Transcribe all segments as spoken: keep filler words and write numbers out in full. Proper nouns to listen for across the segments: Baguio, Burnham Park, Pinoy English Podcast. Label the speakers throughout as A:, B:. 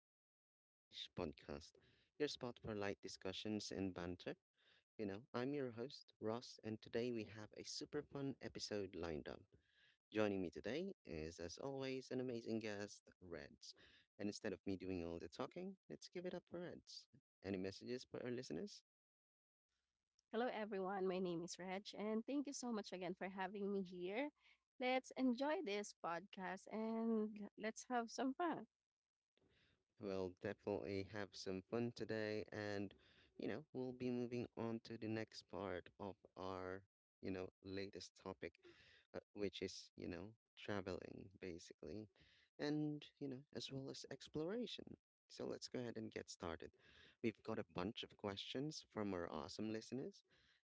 A: Pinoy English Podcast, your spot for light discussions and banter. You know, I'm your host, Ross, and today we have a super fun episode lined up. Joining me today is, as always, an amazing guest, Reds. And instead of me doing all the talking, let's give it up for Reds. Any messages for our listeners?
B: Hello, everyone. My name is Reg, and thank you so much again for having me here. Let's enjoy this podcast and let's have some fun.
A: We'll definitely have some fun today, and you know, we'll be moving on to the next part of our, you know, latest topic, uh, which is, you know, traveling basically, and, you know, as well as exploration. So let's go ahead and get started. We've got a bunch of questions from our awesome listeners,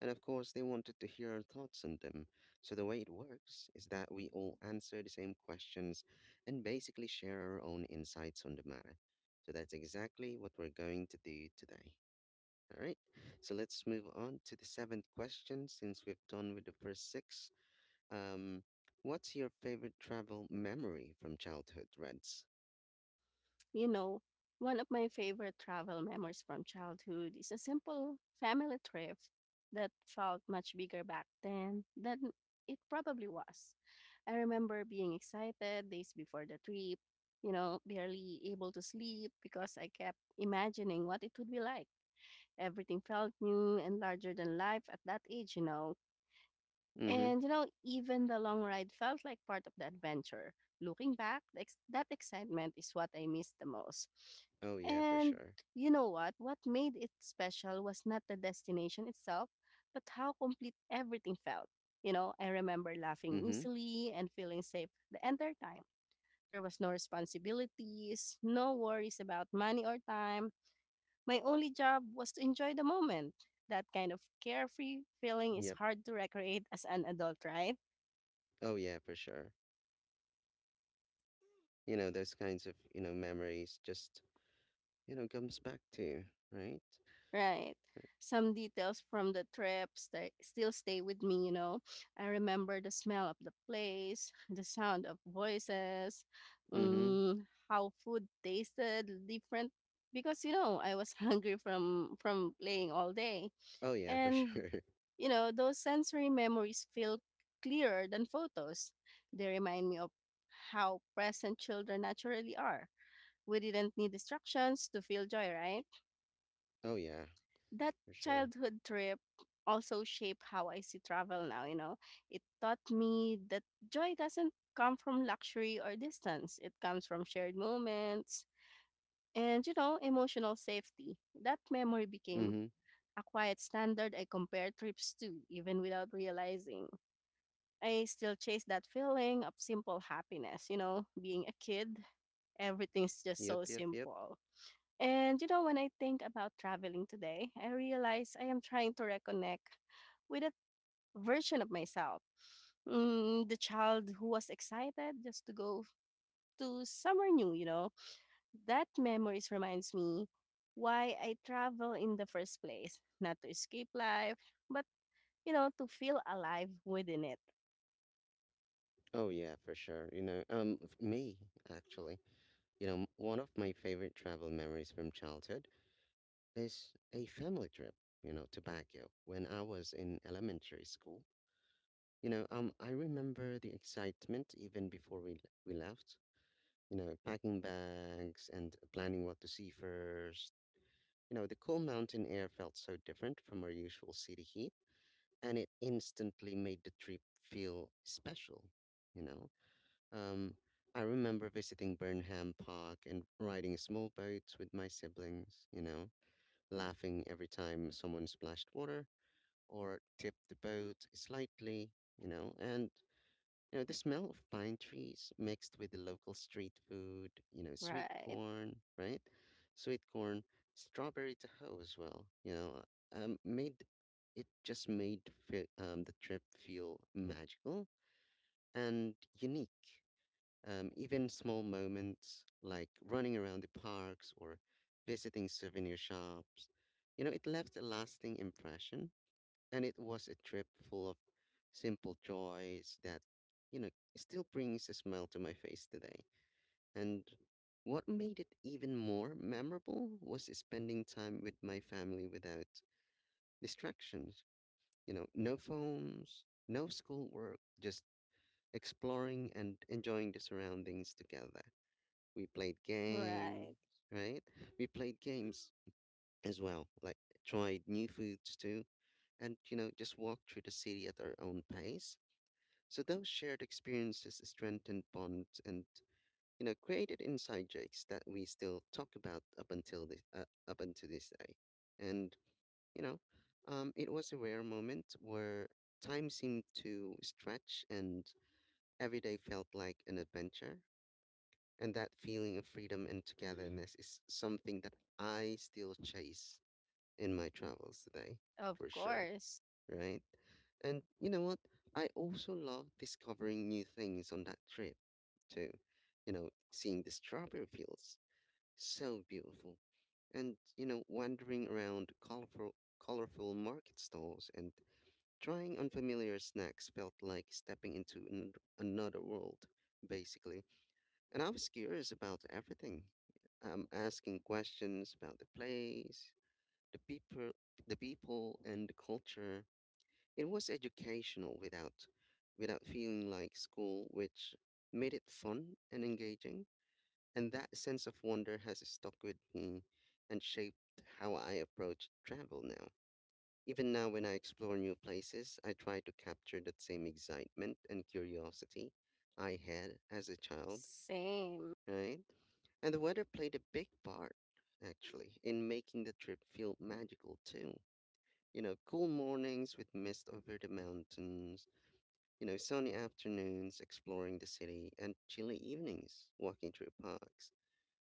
A: and of course, they wanted to hear our thoughts on them. So the way it works is that we all answer the same questions and basically share our own insights on the matter. So that's exactly what we're going to do today. All right. So let's move on to the seventh question since we've done with the first six. Um, what's your favorite travel memory from childhood, Reds?
B: You know, One of my favorite travel memories from childhood is a simple family trip that felt much bigger back then than it probably was. I remember being excited days before the trip, you know, barely able to sleep because I kept imagining what it would be like. Everything felt new and larger than life at that age. You know.
A: Mm-hmm.
B: And you know, even the long ride felt like part of the adventure. Looking back, the ex- that excitement is what I miss the most.
A: Oh yeah, for
B: And
A: sure.
B: you know what? What made it special was not the destination itself, but how complete everything felt. You know, I remember laughing
A: Mm-hmm.
B: easily and feeling safe the entire time. There was no responsibilities, no worries about money or time, my only job was to enjoy the moment. That kind of carefree feeling is
A: Yep.
B: hard to recreate as an adult, right?
A: Oh yeah, for sure. You know, those kinds of, you know, memories just, you know, comes back to you, right?
B: Right. Some details from the trip sta still stay with me. You know. I remember the smell of the place, the sound of voices,
A: Mm-hmm.
B: mm, how food tasted different because you know, I was hungry from from playing all day.
A: Oh yeah, for
B: And
A: sure.
B: you know, those sensory memories feel clearer than photos. They remind me of how present children naturally are. We didn't need distractions to feel joy, right?
A: Oh yeah,
B: That
A: for sure.
B: childhood trip also shaped how I see travel now. You know. It taught me that joy doesn't come from luxury or distance. It comes from shared moments and you know, emotional safety. That memory became
A: Mm-hmm.
B: a quiet standard I compare trips to, even without realizing. I still chase that feeling of simple happiness. You know, being a kid, everything's just so
A: Yep, yep, yep.
B: simple. And you know, when I think about traveling today, I realize I am trying to reconnect with a version of myself. Mm, the child who was excited just to go to somewhere new. You know. That memories reminds me why I travel in the first place, not to escape life, but you know, to feel alive within it.
A: Oh yeah, for sure. You know, um, f- me actually, you know, m- one of my favorite travel memories from childhood is a family trip, you know, to Baguio when I was in elementary school. You know, um, I remember the excitement even before we we left. You know, packing bags and planning what to see first. You know, the cool mountain air felt so different from our usual city heat, and it instantly made the trip feel special. You know, um, I remember visiting Burnham Park and riding small boats with my siblings. You know, laughing every time someone splashed water or tip the boat slightly, you know, and you know the smell of pine trees mixed with the local street food, you know, sweet
B: Right,
A: corn, right? Sweet corn, strawberry tahoe as well, you know, um, made it just made fe- um, the trip feel magical and unique. Um, even small moments like running around the parks or visiting souvenir shops, you know, it left a lasting impression, and it was a trip full of simple joys that, you know, still brings a smile to my face today. And what made it even more memorable was spending time with my family without distractions. You know, no phones, no schoolwork, just exploring and enjoying the surroundings together. We played games,
B: right.
A: right? We played games as well, like tried new foods too, and you know, just walked through the city at our own pace. So those shared experiences strengthened bonds, and you know, created inside jokes that we still talk about up until this uh, up until this day. And you know, um, it was a rare moment where time seemed to stretch and every day felt like an adventure. And that feeling of freedom and togetherness is something that I still chase in my travels today,
B: Of
A: for sure,
B: course.
A: right? And you know what? I also love discovering new things on that trip, too. You know, seeing the strawberry fields, so beautiful. And, you know, wandering around colorful, colorful market stalls and trying unfamiliar snacks felt like stepping into an, another world, basically. And I was curious about everything. I'm asking questions about the place, the people the people and the culture. It was educational without without feeling like school, which made it fun and engaging. And that sense of wonder has stuck with me and shaped how I approach travel now. Even now when I explore new places, I try to capture that same excitement and curiosity I had as a child,
B: Same.
A: right? And the weather played a big part actually in making the trip feel magical too. You know, cool mornings with mist over the mountains, you know, sunny afternoons exploring the city, and chilly evenings walking through parks.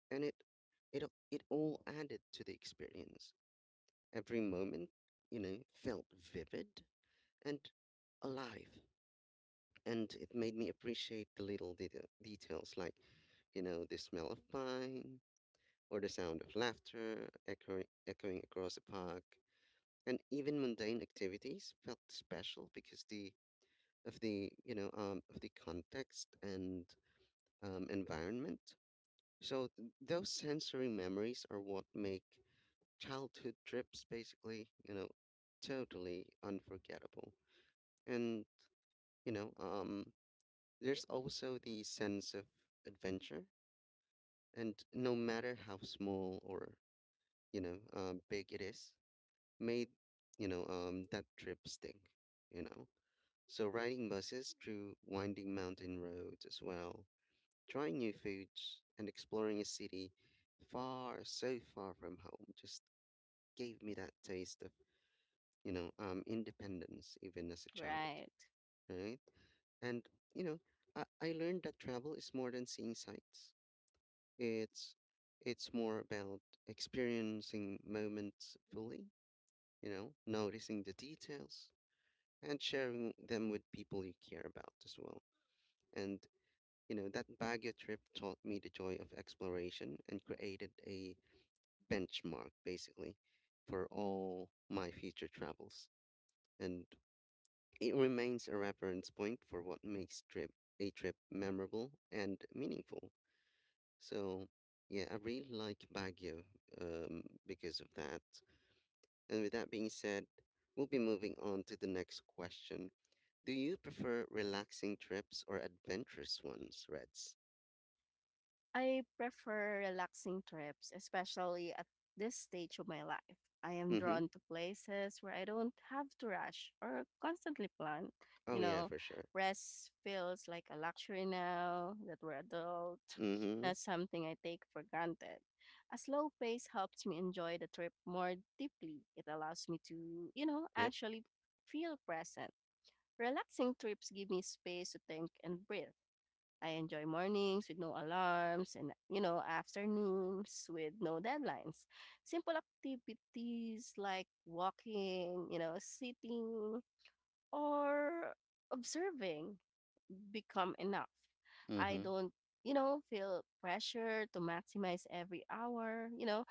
A: And it it a- it all added to the experience. Every moment, you know, felt vivid and alive. And it made me appreciate the little deta details like, you know, the smell of pine or the sound of laughter echoing, echoing across the park. And even mundane activities felt special because the of the you know um, of the context and um, environment. So th- those sensory memories are what make childhood trips basically, you know, totally unforgettable. And you know, um, there's also the sense of adventure, and no matter how small or you know uh, big it is, made, you know, um, that trip stick. You know. So riding buses through winding mountain roads as well, trying new foods and exploring a city far, so far from home just gave me that taste of, you know, um, independence even as a child,
B: Right.
A: right? And, you know, I, I learned that travel is more than seeing sights. It's it's more about experiencing moments fully, you know, noticing the details and sharing them with people you care about as well. And you know, that Baguio trip taught me the joy of exploration and created a benchmark basically for all my future travels, and it remains a reference point for what makes trip a trip memorable and meaningful. So, yeah, I really like Baguio, um, because of that. And with that being said, we'll be moving on to the next question. Do you prefer relaxing trips or adventurous ones, Reds?
B: I prefer relaxing trips, especially at this stage of my life. I am
A: Mm-hmm.
B: drawn to places where I don't have to rush or constantly plan.
A: Oh
B: You
A: yeah,
B: know,
A: for sure.
B: rest feels like a luxury now that we're adult,
A: Mm-hmm.
B: not something I take for granted. A slow pace helps me enjoy the trip more deeply. It allows me to you know,
A: Yep.
B: actually feel present. Relaxing trips give me space to think and breathe. I enjoy mornings with no alarms and you know, afternoons with no deadlines. Simple activities like walking, you know, sitting, or observing become enough. I
A: Mm-hmm.
B: don't you know, feel pressure to maximize every hour. You know,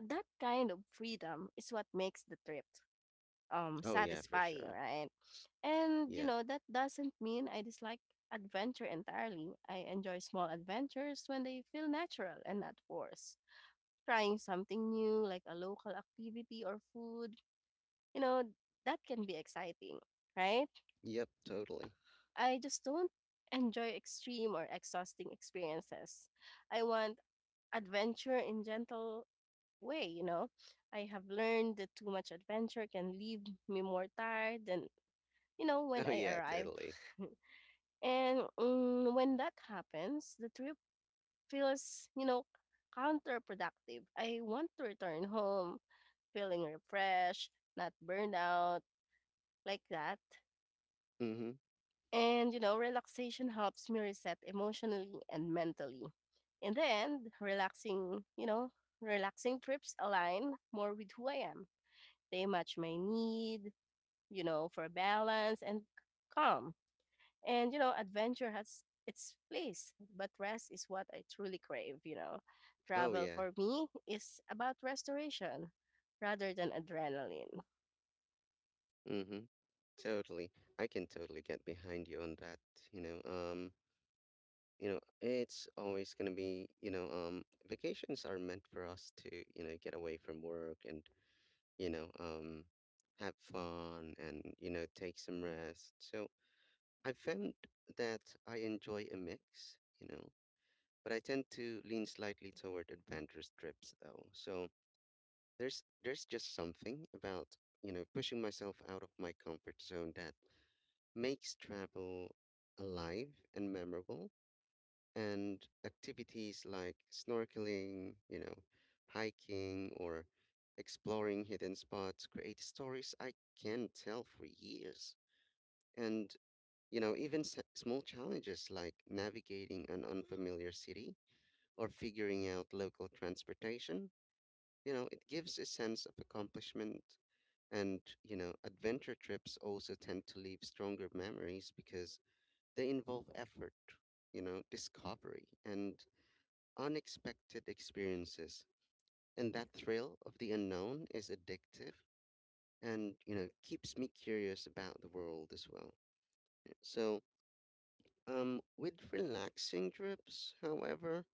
B: that kind of freedom is what makes the trip um
A: Oh yeah, for
B: satisfying,
A: sure.
B: right? And you
A: Yeah.
B: know, that doesn't mean I dislike adventure entirely. I enjoy small adventures when they feel natural and not forced. Trying something new like a local activity or food, you know, that can be exciting, right?
A: Yep, totally.
B: I just don't enjoy extreme or exhausting experiences. I want adventure in gentle way. You know. I have learned that too much adventure can leave me more tired than you know, when
A: Oh
B: I
A: yeah,
B: arrive.
A: totally.
B: And mm, when that happens, the trip feels you know, counterproductive. I want to return home feeling refreshed, not burned out, like that.
A: Mm-hmm.
B: And you know, relaxation helps me reset emotionally and mentally. In the end, relaxing, you know, relaxing trips align more with who I am. They match my need you know, for balance and calm. And you know, adventure has its place, but rest is what I truly crave. You know.
A: Oh
B: Travel
A: yeah.
B: for me is about restoration rather than adrenaline.
A: Mm-hmm. Totally. I can totally get behind you on that. You know, um, you know, it's always gonna be, you know, um, vacations are meant for us to, you know, get away from work and, you know, um, have fun and, you know, take some rest. So I found that I enjoy a mix, you know, but I tend to lean slightly toward adventurous trips though. So there's there's just something about, you know, pushing myself out of my comfort zone that makes travel alive and memorable. And activities like snorkeling, you know, hiking or exploring hidden spots create stories I can tell for years. And, you know, even s- small challenges like navigating an unfamiliar city or figuring out local transportation, you know, it gives a sense of accomplishment. And, you know, adventure trips also tend to leave stronger memories because they involve effort, you know, discovery, and unexpected experiences. And that thrill of the unknown is addictive and, you know, keeps me curious about the world as well. So, um, with relaxing trips, however,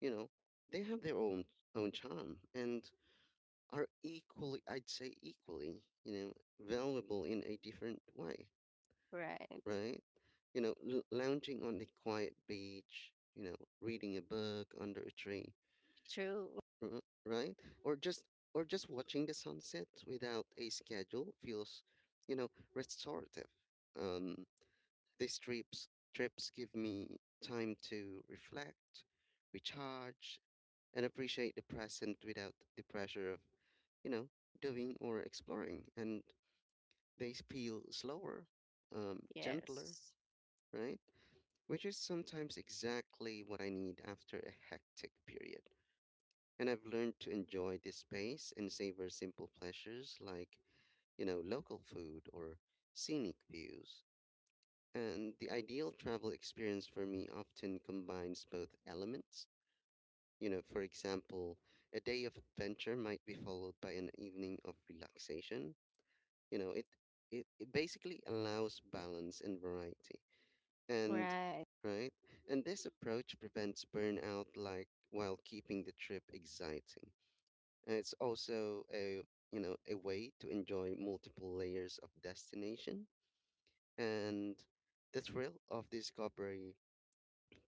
A: you know, they have their own own charm and are equally, I'd say equally, you know, valuable in a different way,
B: Right.
A: right? You know, l- lounging on a quiet beach, you know, reading a book under a tree,
B: True.
A: r- right? Or just or just watching the sunset without a schedule feels, you know, restorative. Um, these trips trips give me time to reflect, recharge, and appreciate the present without the pressure of, you know, doing or exploring. And they feel slower, um, gentler,
B: Yes.
A: right? Which is sometimes exactly what I need after a hectic period. And I've learned to enjoy this space and savor simple pleasures like, you know, local food or scenic views. And the ideal travel experience for me often combines both elements. You know, for example, a day of adventure might be followed by an evening of relaxation. You know, it it, it basically allows balance and variety. And
B: Right.
A: right? And this approach prevents burnout like while keeping the trip exciting. And it's also a, you know, a way to enjoy multiple layers of destination and the thrill of discovery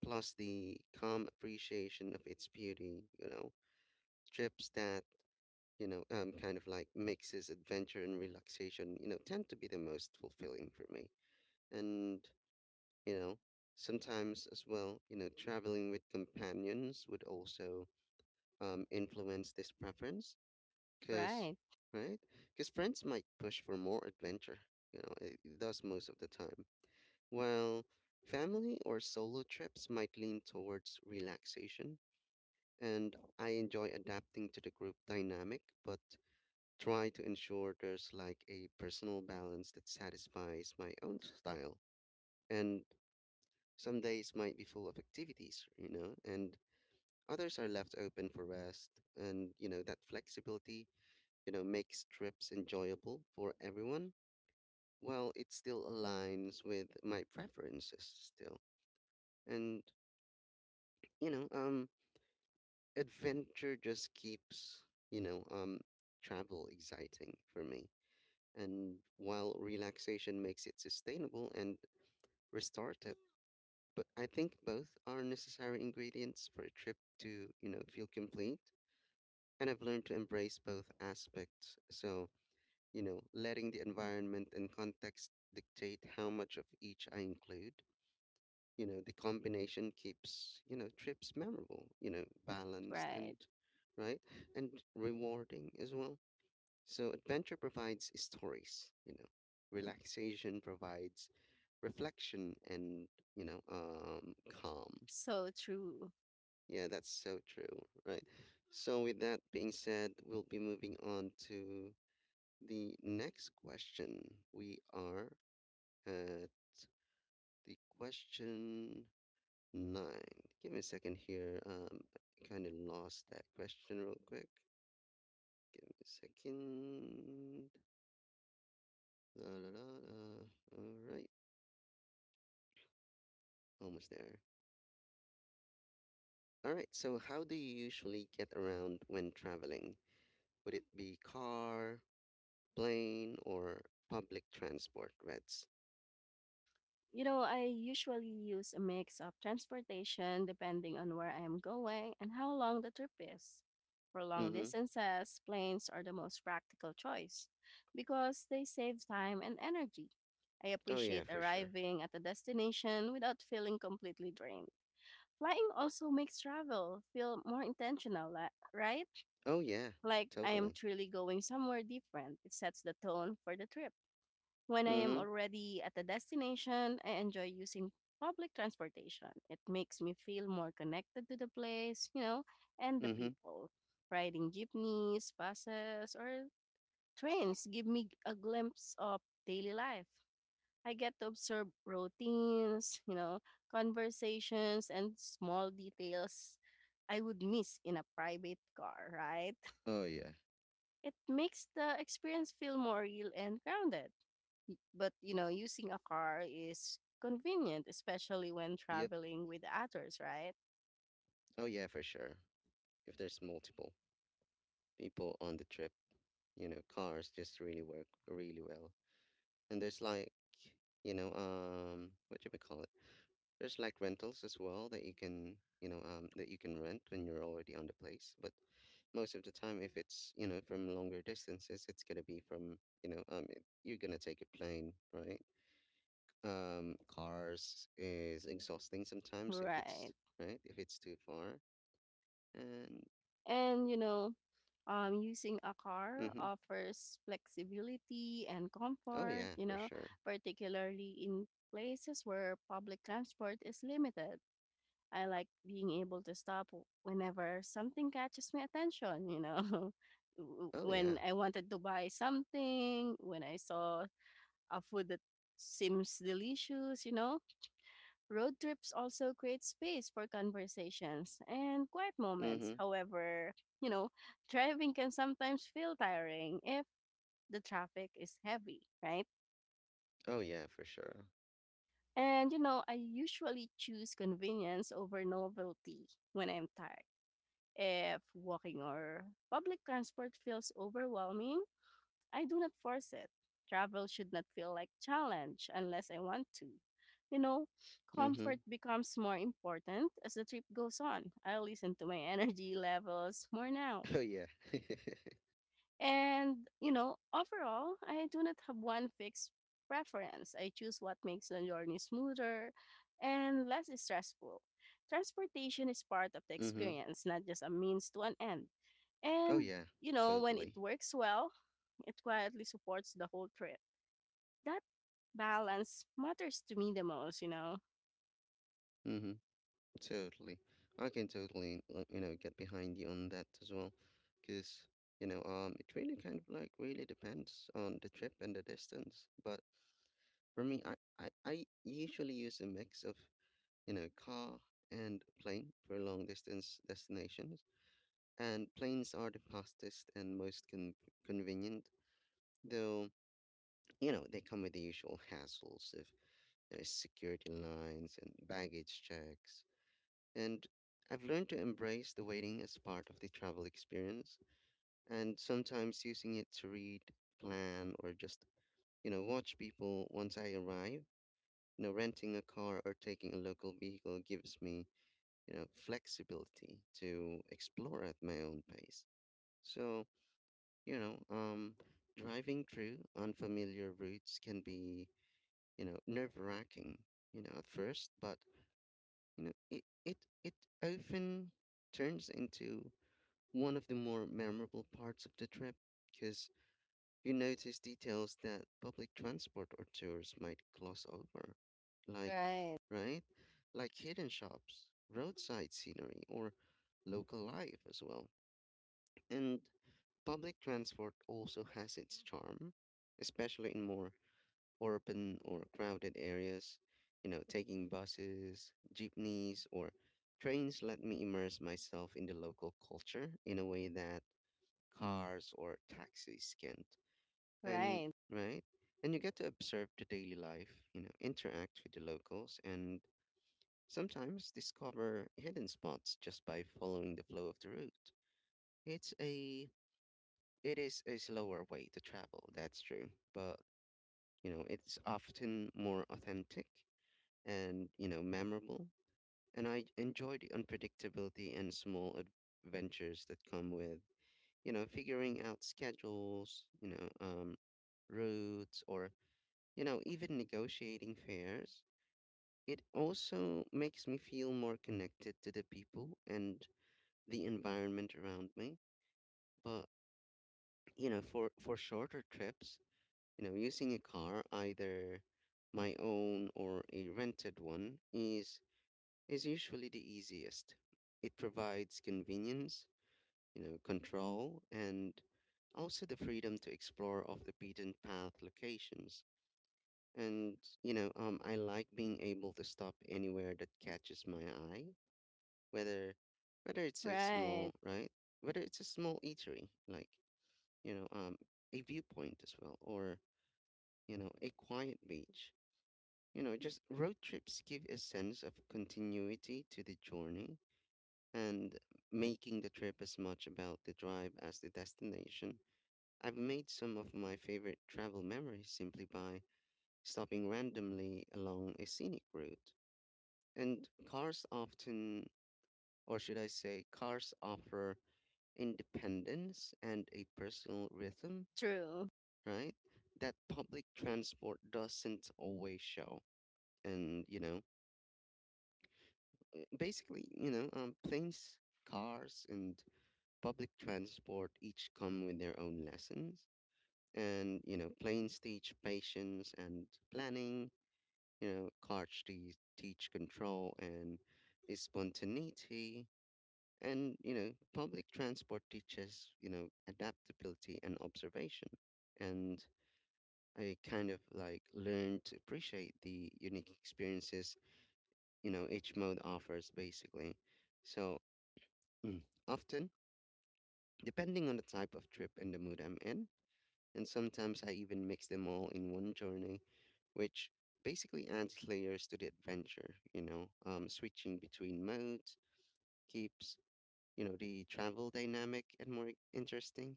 A: plus the calm appreciation of its beauty. You know, trips that, you know, um kind of like mixes adventure and relaxation, you know, tend to be the most fulfilling for me. And you know, sometimes as well, you know, traveling with companions would also, um, influence this preference because
B: Right.
A: right? Because friends might push for more adventure. You know, it, it does most of the time, while family or solo trips might lean towards relaxation. And I enjoy adapting to the group dynamic but try to ensure there's like a personal balance that satisfies my own style. And some days might be full of activities, you know, and others are left open for rest. And, you know, that flexibility, you know, makes trips enjoyable for everyone while it still aligns with my preferences still. And, you know, um, adventure just keeps, you know, um, travel exciting for me. And while relaxation makes it sustainable and restorative. But I think both are necessary ingredients for a trip to, you know, feel complete. And I've learned to embrace both aspects. So, you know, letting the environment and context dictate how much of each I include. You know, the combination keeps, you know, trips memorable, you know, balanced
B: Right.
A: and, right, and rewarding as well. So adventure provides stories, you know. Relaxation provides reflection and, you know, um, calm.
B: So true.
A: Yeah, that's so true, right? So, with that being said, we'll be moving on to the next question. We are at the question nine. Give me a second here. Um, I kind of lost that question real quick. Give me a second. La, la, la, la. All right, almost there. All right, so how do you usually get around when traveling? Would it be car, plane, or public transport, Reds?
B: You know, I usually use a mix of transportation depending on where I am going and how long the trip is. For long
A: Mm-hmm.
B: distances, planes are the most practical choice because they save time and energy. I
A: Oh yeah,
B: appreciate
A: for sure.
B: arriving at a destination without feeling completely drained. Flying also makes travel feel more intentional, li- right?
A: Oh yeah,
B: Like I am
A: totally.
B: truly going somewhere different. It sets the tone for the trip. When I am
A: Mm-hmm.
B: already at a destination, I enjoy using public transportation. It makes me feel more connected to the place you know, and the
A: Mm-hmm.
B: people. Riding jeepneys, buses, or trains give me a glimpse of daily life. I get to observe routines, you know, conversations, and small details I would miss in a private car, right?
A: Oh yeah.
B: It makes the experience feel more real and grounded. Y- But you know, using a car is convenient, especially when
A: Yep.
B: traveling with others, right?
A: Oh yeah, for sure. If there's multiple people on the trip, you know, cars just really work really well. And there's like, you know, um, what should we call it? There's like rentals as well that you can, you know, um, that you can rent when you're already on the place. But most of the time, if it's, you know, from longer distances, it's gonna be from, you know, um, it, you're gonna take a plane, right? Um cars is exhausting sometimes if it's
B: Right.
A: right, if it's too far and
B: And you know, um, using a car
A: mm-hmm.
B: offers flexibility and
A: Oh
B: comfort,
A: yeah,
B: you
A: for
B: know,
A: sure.
B: particularly in places where public transport is limited. I like being able to stop w- whenever something catches my attention. You know. W-
A: Oh
B: when
A: yeah.
B: I wanted to buy something, when I saw a food that seems delicious. You know. Road trips also create space for conversations and quiet moments.
A: Mm-hmm.
B: However, you know, driving can sometimes feel tiring if the traffic is heavy, right?
A: Oh yeah, for sure.
B: And you know, I usually choose convenience over novelty when I'm tired. If walking or public transport feels overwhelming, I do not force it. Travel should not feel like challenge unless I want to. You know, comfort
A: Mm-hmm.
B: becomes more important as the trip goes on. I listen to my energy levels more now.
A: Oh yeah.
B: And you know, overall, I do not have one fixed preference. I choose what makes the journey smoother and less stressful. Transportation is part of the
A: Mm-hmm.
B: experience, not just a means to an end.
A: Oh
B: And
A: yeah,
B: you know, when it
A: totally.
B: works well, it quietly supports the whole trip. That balance matters to me the most, you know?
A: Mm-hmm. Totally. I can totally like, you know get behind you on that as well because you know um it really kind of like really depends on the trip and the distance, but for me, i i, I usually use a mix of, you know, car and plane for long distance destinations. And planes are the fastest and most con- convenient, though, you know, they come with the usual hassles of, you know, security lines and baggage checks. And I've learned to embrace the waiting as part of the travel experience, and sometimes using it to read, plan, or just, you know, watch people once I arrive. You know, renting a car or taking a local vehicle gives me, you know, flexibility to explore at my own pace. So, you know, um, driving through unfamiliar routes can be, you know, nerve-wracking, you know, at first, but, you know, it it it often turns into one of the more memorable parts of the trip because you notice details that public transport or tours might gloss over, like,
B: Right,
A: right? Like hidden shops, roadside scenery, or local life as well. And public transport also has its charm, especially in more urban or crowded areas. You know, taking buses, jeepneys, or trains let me immerse myself in the local culture in a way that cars or taxis can't, and
B: right,
A: right, and you get to observe the daily life, you know interact with the locals, and sometimes discover hidden spots just by following the flow of the route. it's a it is a slower way to travel, that's true, but you know it's often more authentic, and, you know memorable. And I enjoy the unpredictability and small adventures that come with, you know figuring out schedules, you know um routes, or, You know, even negotiating fares, it also makes me feel more connected to the people and the environment around me. But, you know, for, for shorter trips, you know, using a car, either my own or a rented one, is is usually the easiest. It provides convenience, you know, control, and also the freedom to explore off the beaten path locations. And, you know, um, I like being able to stop anywhere that catches my eye, whether whether it's a
B: right.
A: small, right? Whether it's a small eatery, like, you know, um, a viewpoint as well, or, you know, a quiet beach. You know, just road trips give a sense of continuity to the journey, and making the trip as much about the drive as the destination. I've made some of my favorite travel memories simply by stopping randomly along a scenic route. And cars often, or should I say, cars offer independence and a personal rhythm,
B: True.
A: right? That public transport doesn't always show. And, you know, eh, basically, you know, um, planes, cars, and public transport each come with their own lessons. And, you know, planes teach patience and planning, you know, cars te- teach control and spontaneity. And, you know, public transport teaches, you know, adaptability and observation. And I kind of like learned to appreciate the unique experiences, you know, each mode offers basically. So, mm, often, depending on the type of trip and the mood I'm in, and sometimes I even mix them all in one journey, which basically adds layers to the adventure, you know, um, switching between modes keeps, you know, the travel dynamic and more interesting.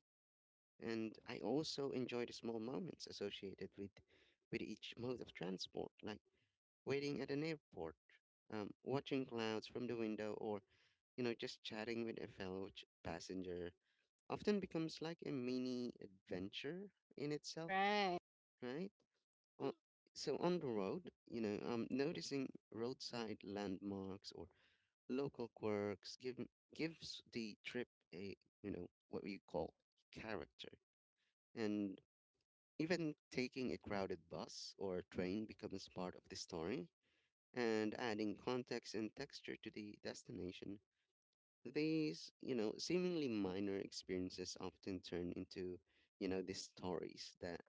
A: And I also enjoy the small moments associated with with each mode of transport, like waiting at an airport, um, watching clouds from the window, or you know just chatting with a fellow ch- passenger. Often becomes like a mini adventure in itself,
B: Right,
A: right? Uh, so on the road, you know, um, noticing roadside landmarks or local quirks give, gives the trip a, you know what we call, character. And even taking a crowded bus or train becomes part of the story, and adding context and texture to the destination. These, you know, seemingly minor experiences often turn into, you know, these stories that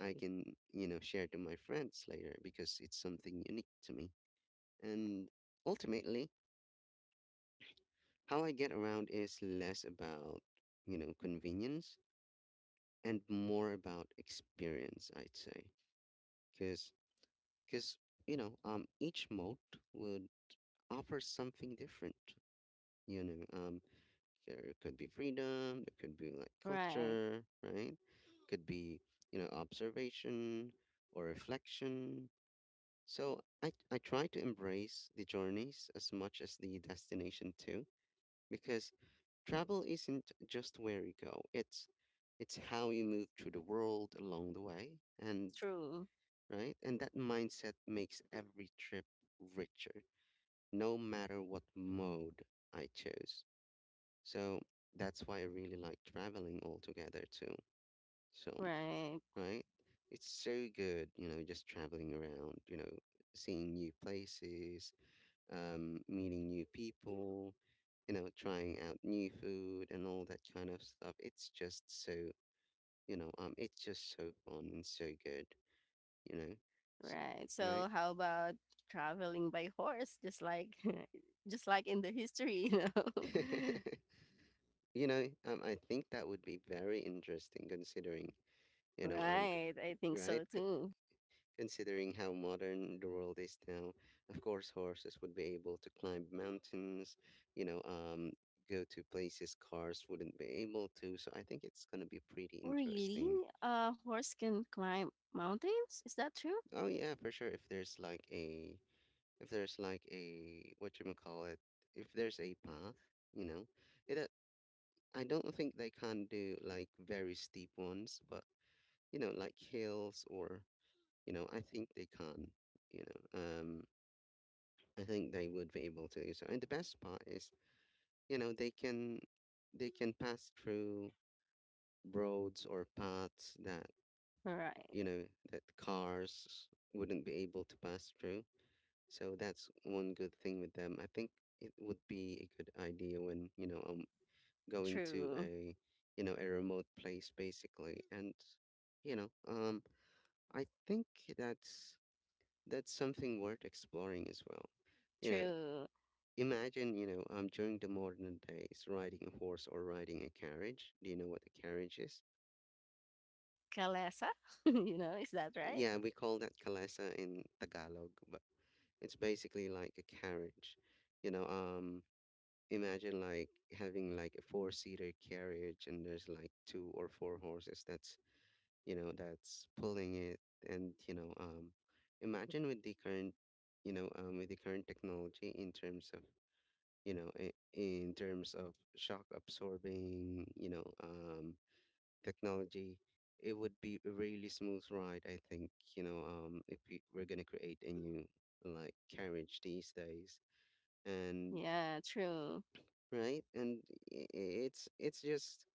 A: I can, you know, share to my friends later because it's something unique to me. And ultimately, how I get around is less about, you know, convenience and more about experience, I'd say. Because because, you know um each mode would offer something different, you know um there could be freedom, there could be like
B: right.
A: culture, right, could be, you know observation, or reflection. So i i try to embrace the journeys as much as the destination too, because travel isn't just where you go, it's it's how you move through the world along the way, and
B: True.
A: right, and that mindset makes every trip richer no matter what mode I chose. So that's why I really like traveling altogether too. So,
B: Right,
A: right? It's so good, you know, just traveling around, you know, seeing new places, um, meeting new people, you know, trying out new food and all that kind of stuff. It's just so, you know, um, it's just so fun and so good, you know, so,
B: right.
A: right?
B: So how about traveling by horse, just like just like in the history, you know?
A: you know, um, I think that would be very interesting considering, you know, um,
B: Right, I
A: c-
B: think
A: right?
B: so
A: C-
B: too.
A: considering how modern the world is now, of course, horses would be able to climb mountains, you know, um, go to places cars wouldn't be able to. So I think it's gonna be pretty interesting.
B: Really? A horse can climb mountains? Is that true?
A: Oh yeah, for sure. If there's like a, if there's like a, what you call it, if there's a path, you know, it. Uh, I don't think they can do like very steep ones, but, you know, like hills or, you know, I think they can you know. Um, I think they would be able to do so. And the best part is, you know, they can they can pass through roads or paths that,
B: Right.
A: you know, that cars wouldn't be able to pass through. So that's one good thing with them. I think it would be a good idea when, you know, I'm going to
B: True.
A: a, you know, a remote place basically. And, you know, um, I think that's that's something worth exploring as well. You know,
B: True.
A: Imagine, you know, um, during the modern days, riding a horse or riding a carriage. Do you know what a carriage is?
B: Kalesa, you know, is that right?
A: Yeah, we call that kalesa in Tagalog, but it's basically like a carriage. You know, um, imagine like having like a four-seater carriage and there's like two or four horses that's, you know, that's pulling it. And, you know, um, imagine with the current, you know, um, with the current technology in terms of, you know, in, in terms of shock absorbing, you know, um, technology, it would be a really smooth ride. I think, you know, um, if we, we're gonna create a new like carriage these days, and
B: Yeah, true.
A: right, and i- i- it's it's just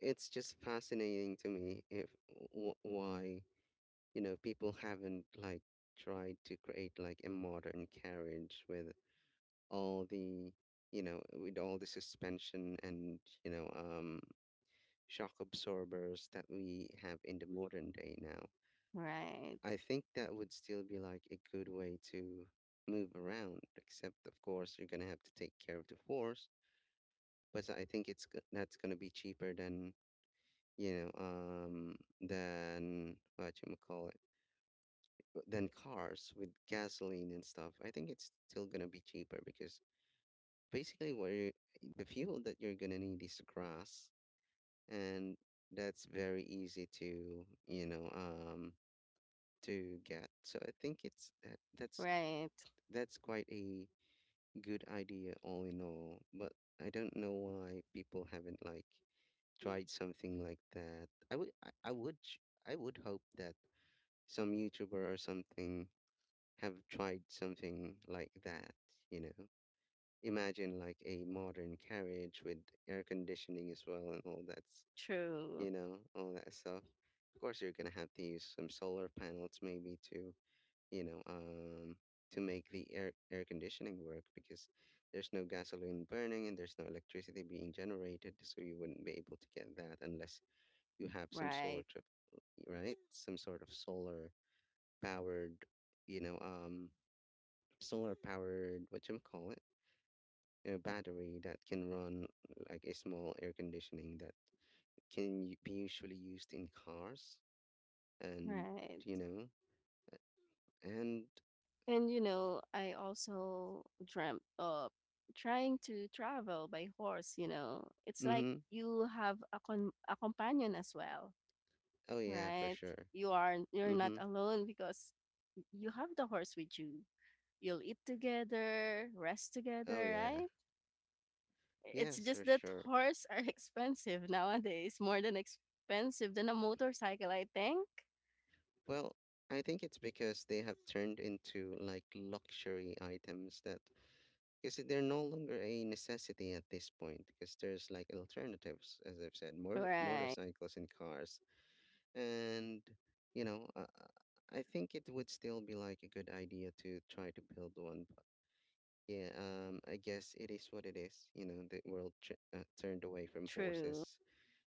A: it's just fascinating to me if w- why, you know people haven't like tried to create like a modern carriage with all the, you know with all the suspension and, you know um, shock absorbers that we have in the modern day now.
B: Right.
A: I think that would still be like a good way to move around, except of course you're gonna have to take care of the horse, but I think it's go- that's gonna be cheaper than, you know um than what you call it, than cars with gasoline and stuff. I think it's still gonna be cheaper because basically where you, the fuel that you're gonna need is grass, and that's very easy to you know um to get. So I think it's that that's
B: Right.
A: that's quite a good idea all in all. But I don't know why people haven't like tried something like that. I would I, I would ch- I would hope that some YouTuber or something have tried something like that. You know. Imagine like a modern carriage with air conditioning as well and all that's,
B: True.
A: you know, all that stuff. Of course, you're gonna have to use some solar panels maybe to, you know, um, to make the air air conditioning work because there's no gasoline burning and there's no electricity being generated, so you wouldn't be able to get that unless you have some
B: Right.
A: sort of, right, some sort of solar powered, you know, um, solar powered, what you call it, a battery that can run like a small air conditioning that can u- be usually used in cars and,
B: Right.
A: you know and
B: And you know, I also dreamt of trying to travel by horse. You know. It's like
A: mm-hmm.
B: you have a con a companion as well,
A: Oh yeah, for
B: right?
A: sure.
B: You are you're not
A: Mm-hmm.
B: alone because you have the horse with you. You'll eat together, rest
A: Oh
B: together,
A: yeah.
B: right? It's
A: Yes, for
B: just that
A: sure.
B: horses are expensive nowadays, more than expensive than a motorcycle, I think.
A: Well, I think it's because they have turned into like luxury items that because they're no longer a necessity at this point because there's like alternatives, as I've said, more
B: Right.
A: motorcycles and cars, and, you know uh, I think it would still be like a good idea to try to build one, but yeah, um I guess it is what it is, you know the world ch- uh, turned away from
B: True.
A: horses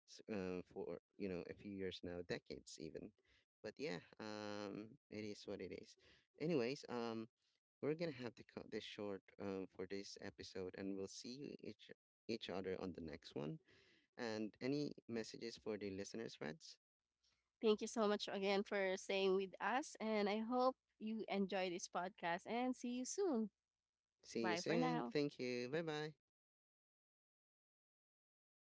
A: s- uh, for, you know a few years now, decades even. But yeah, um it is what it is. Anyways, um we're gonna have to cut this short, um, for this episode and we'll see you each each other on the next one. And any messages for the listeners, Reds?
B: Thank you so much again for staying with us, and I hope you enjoy this podcast and see you soon.
A: See you
B: Bye for
A: soon.
B: now.
A: Thank you. Bye bye.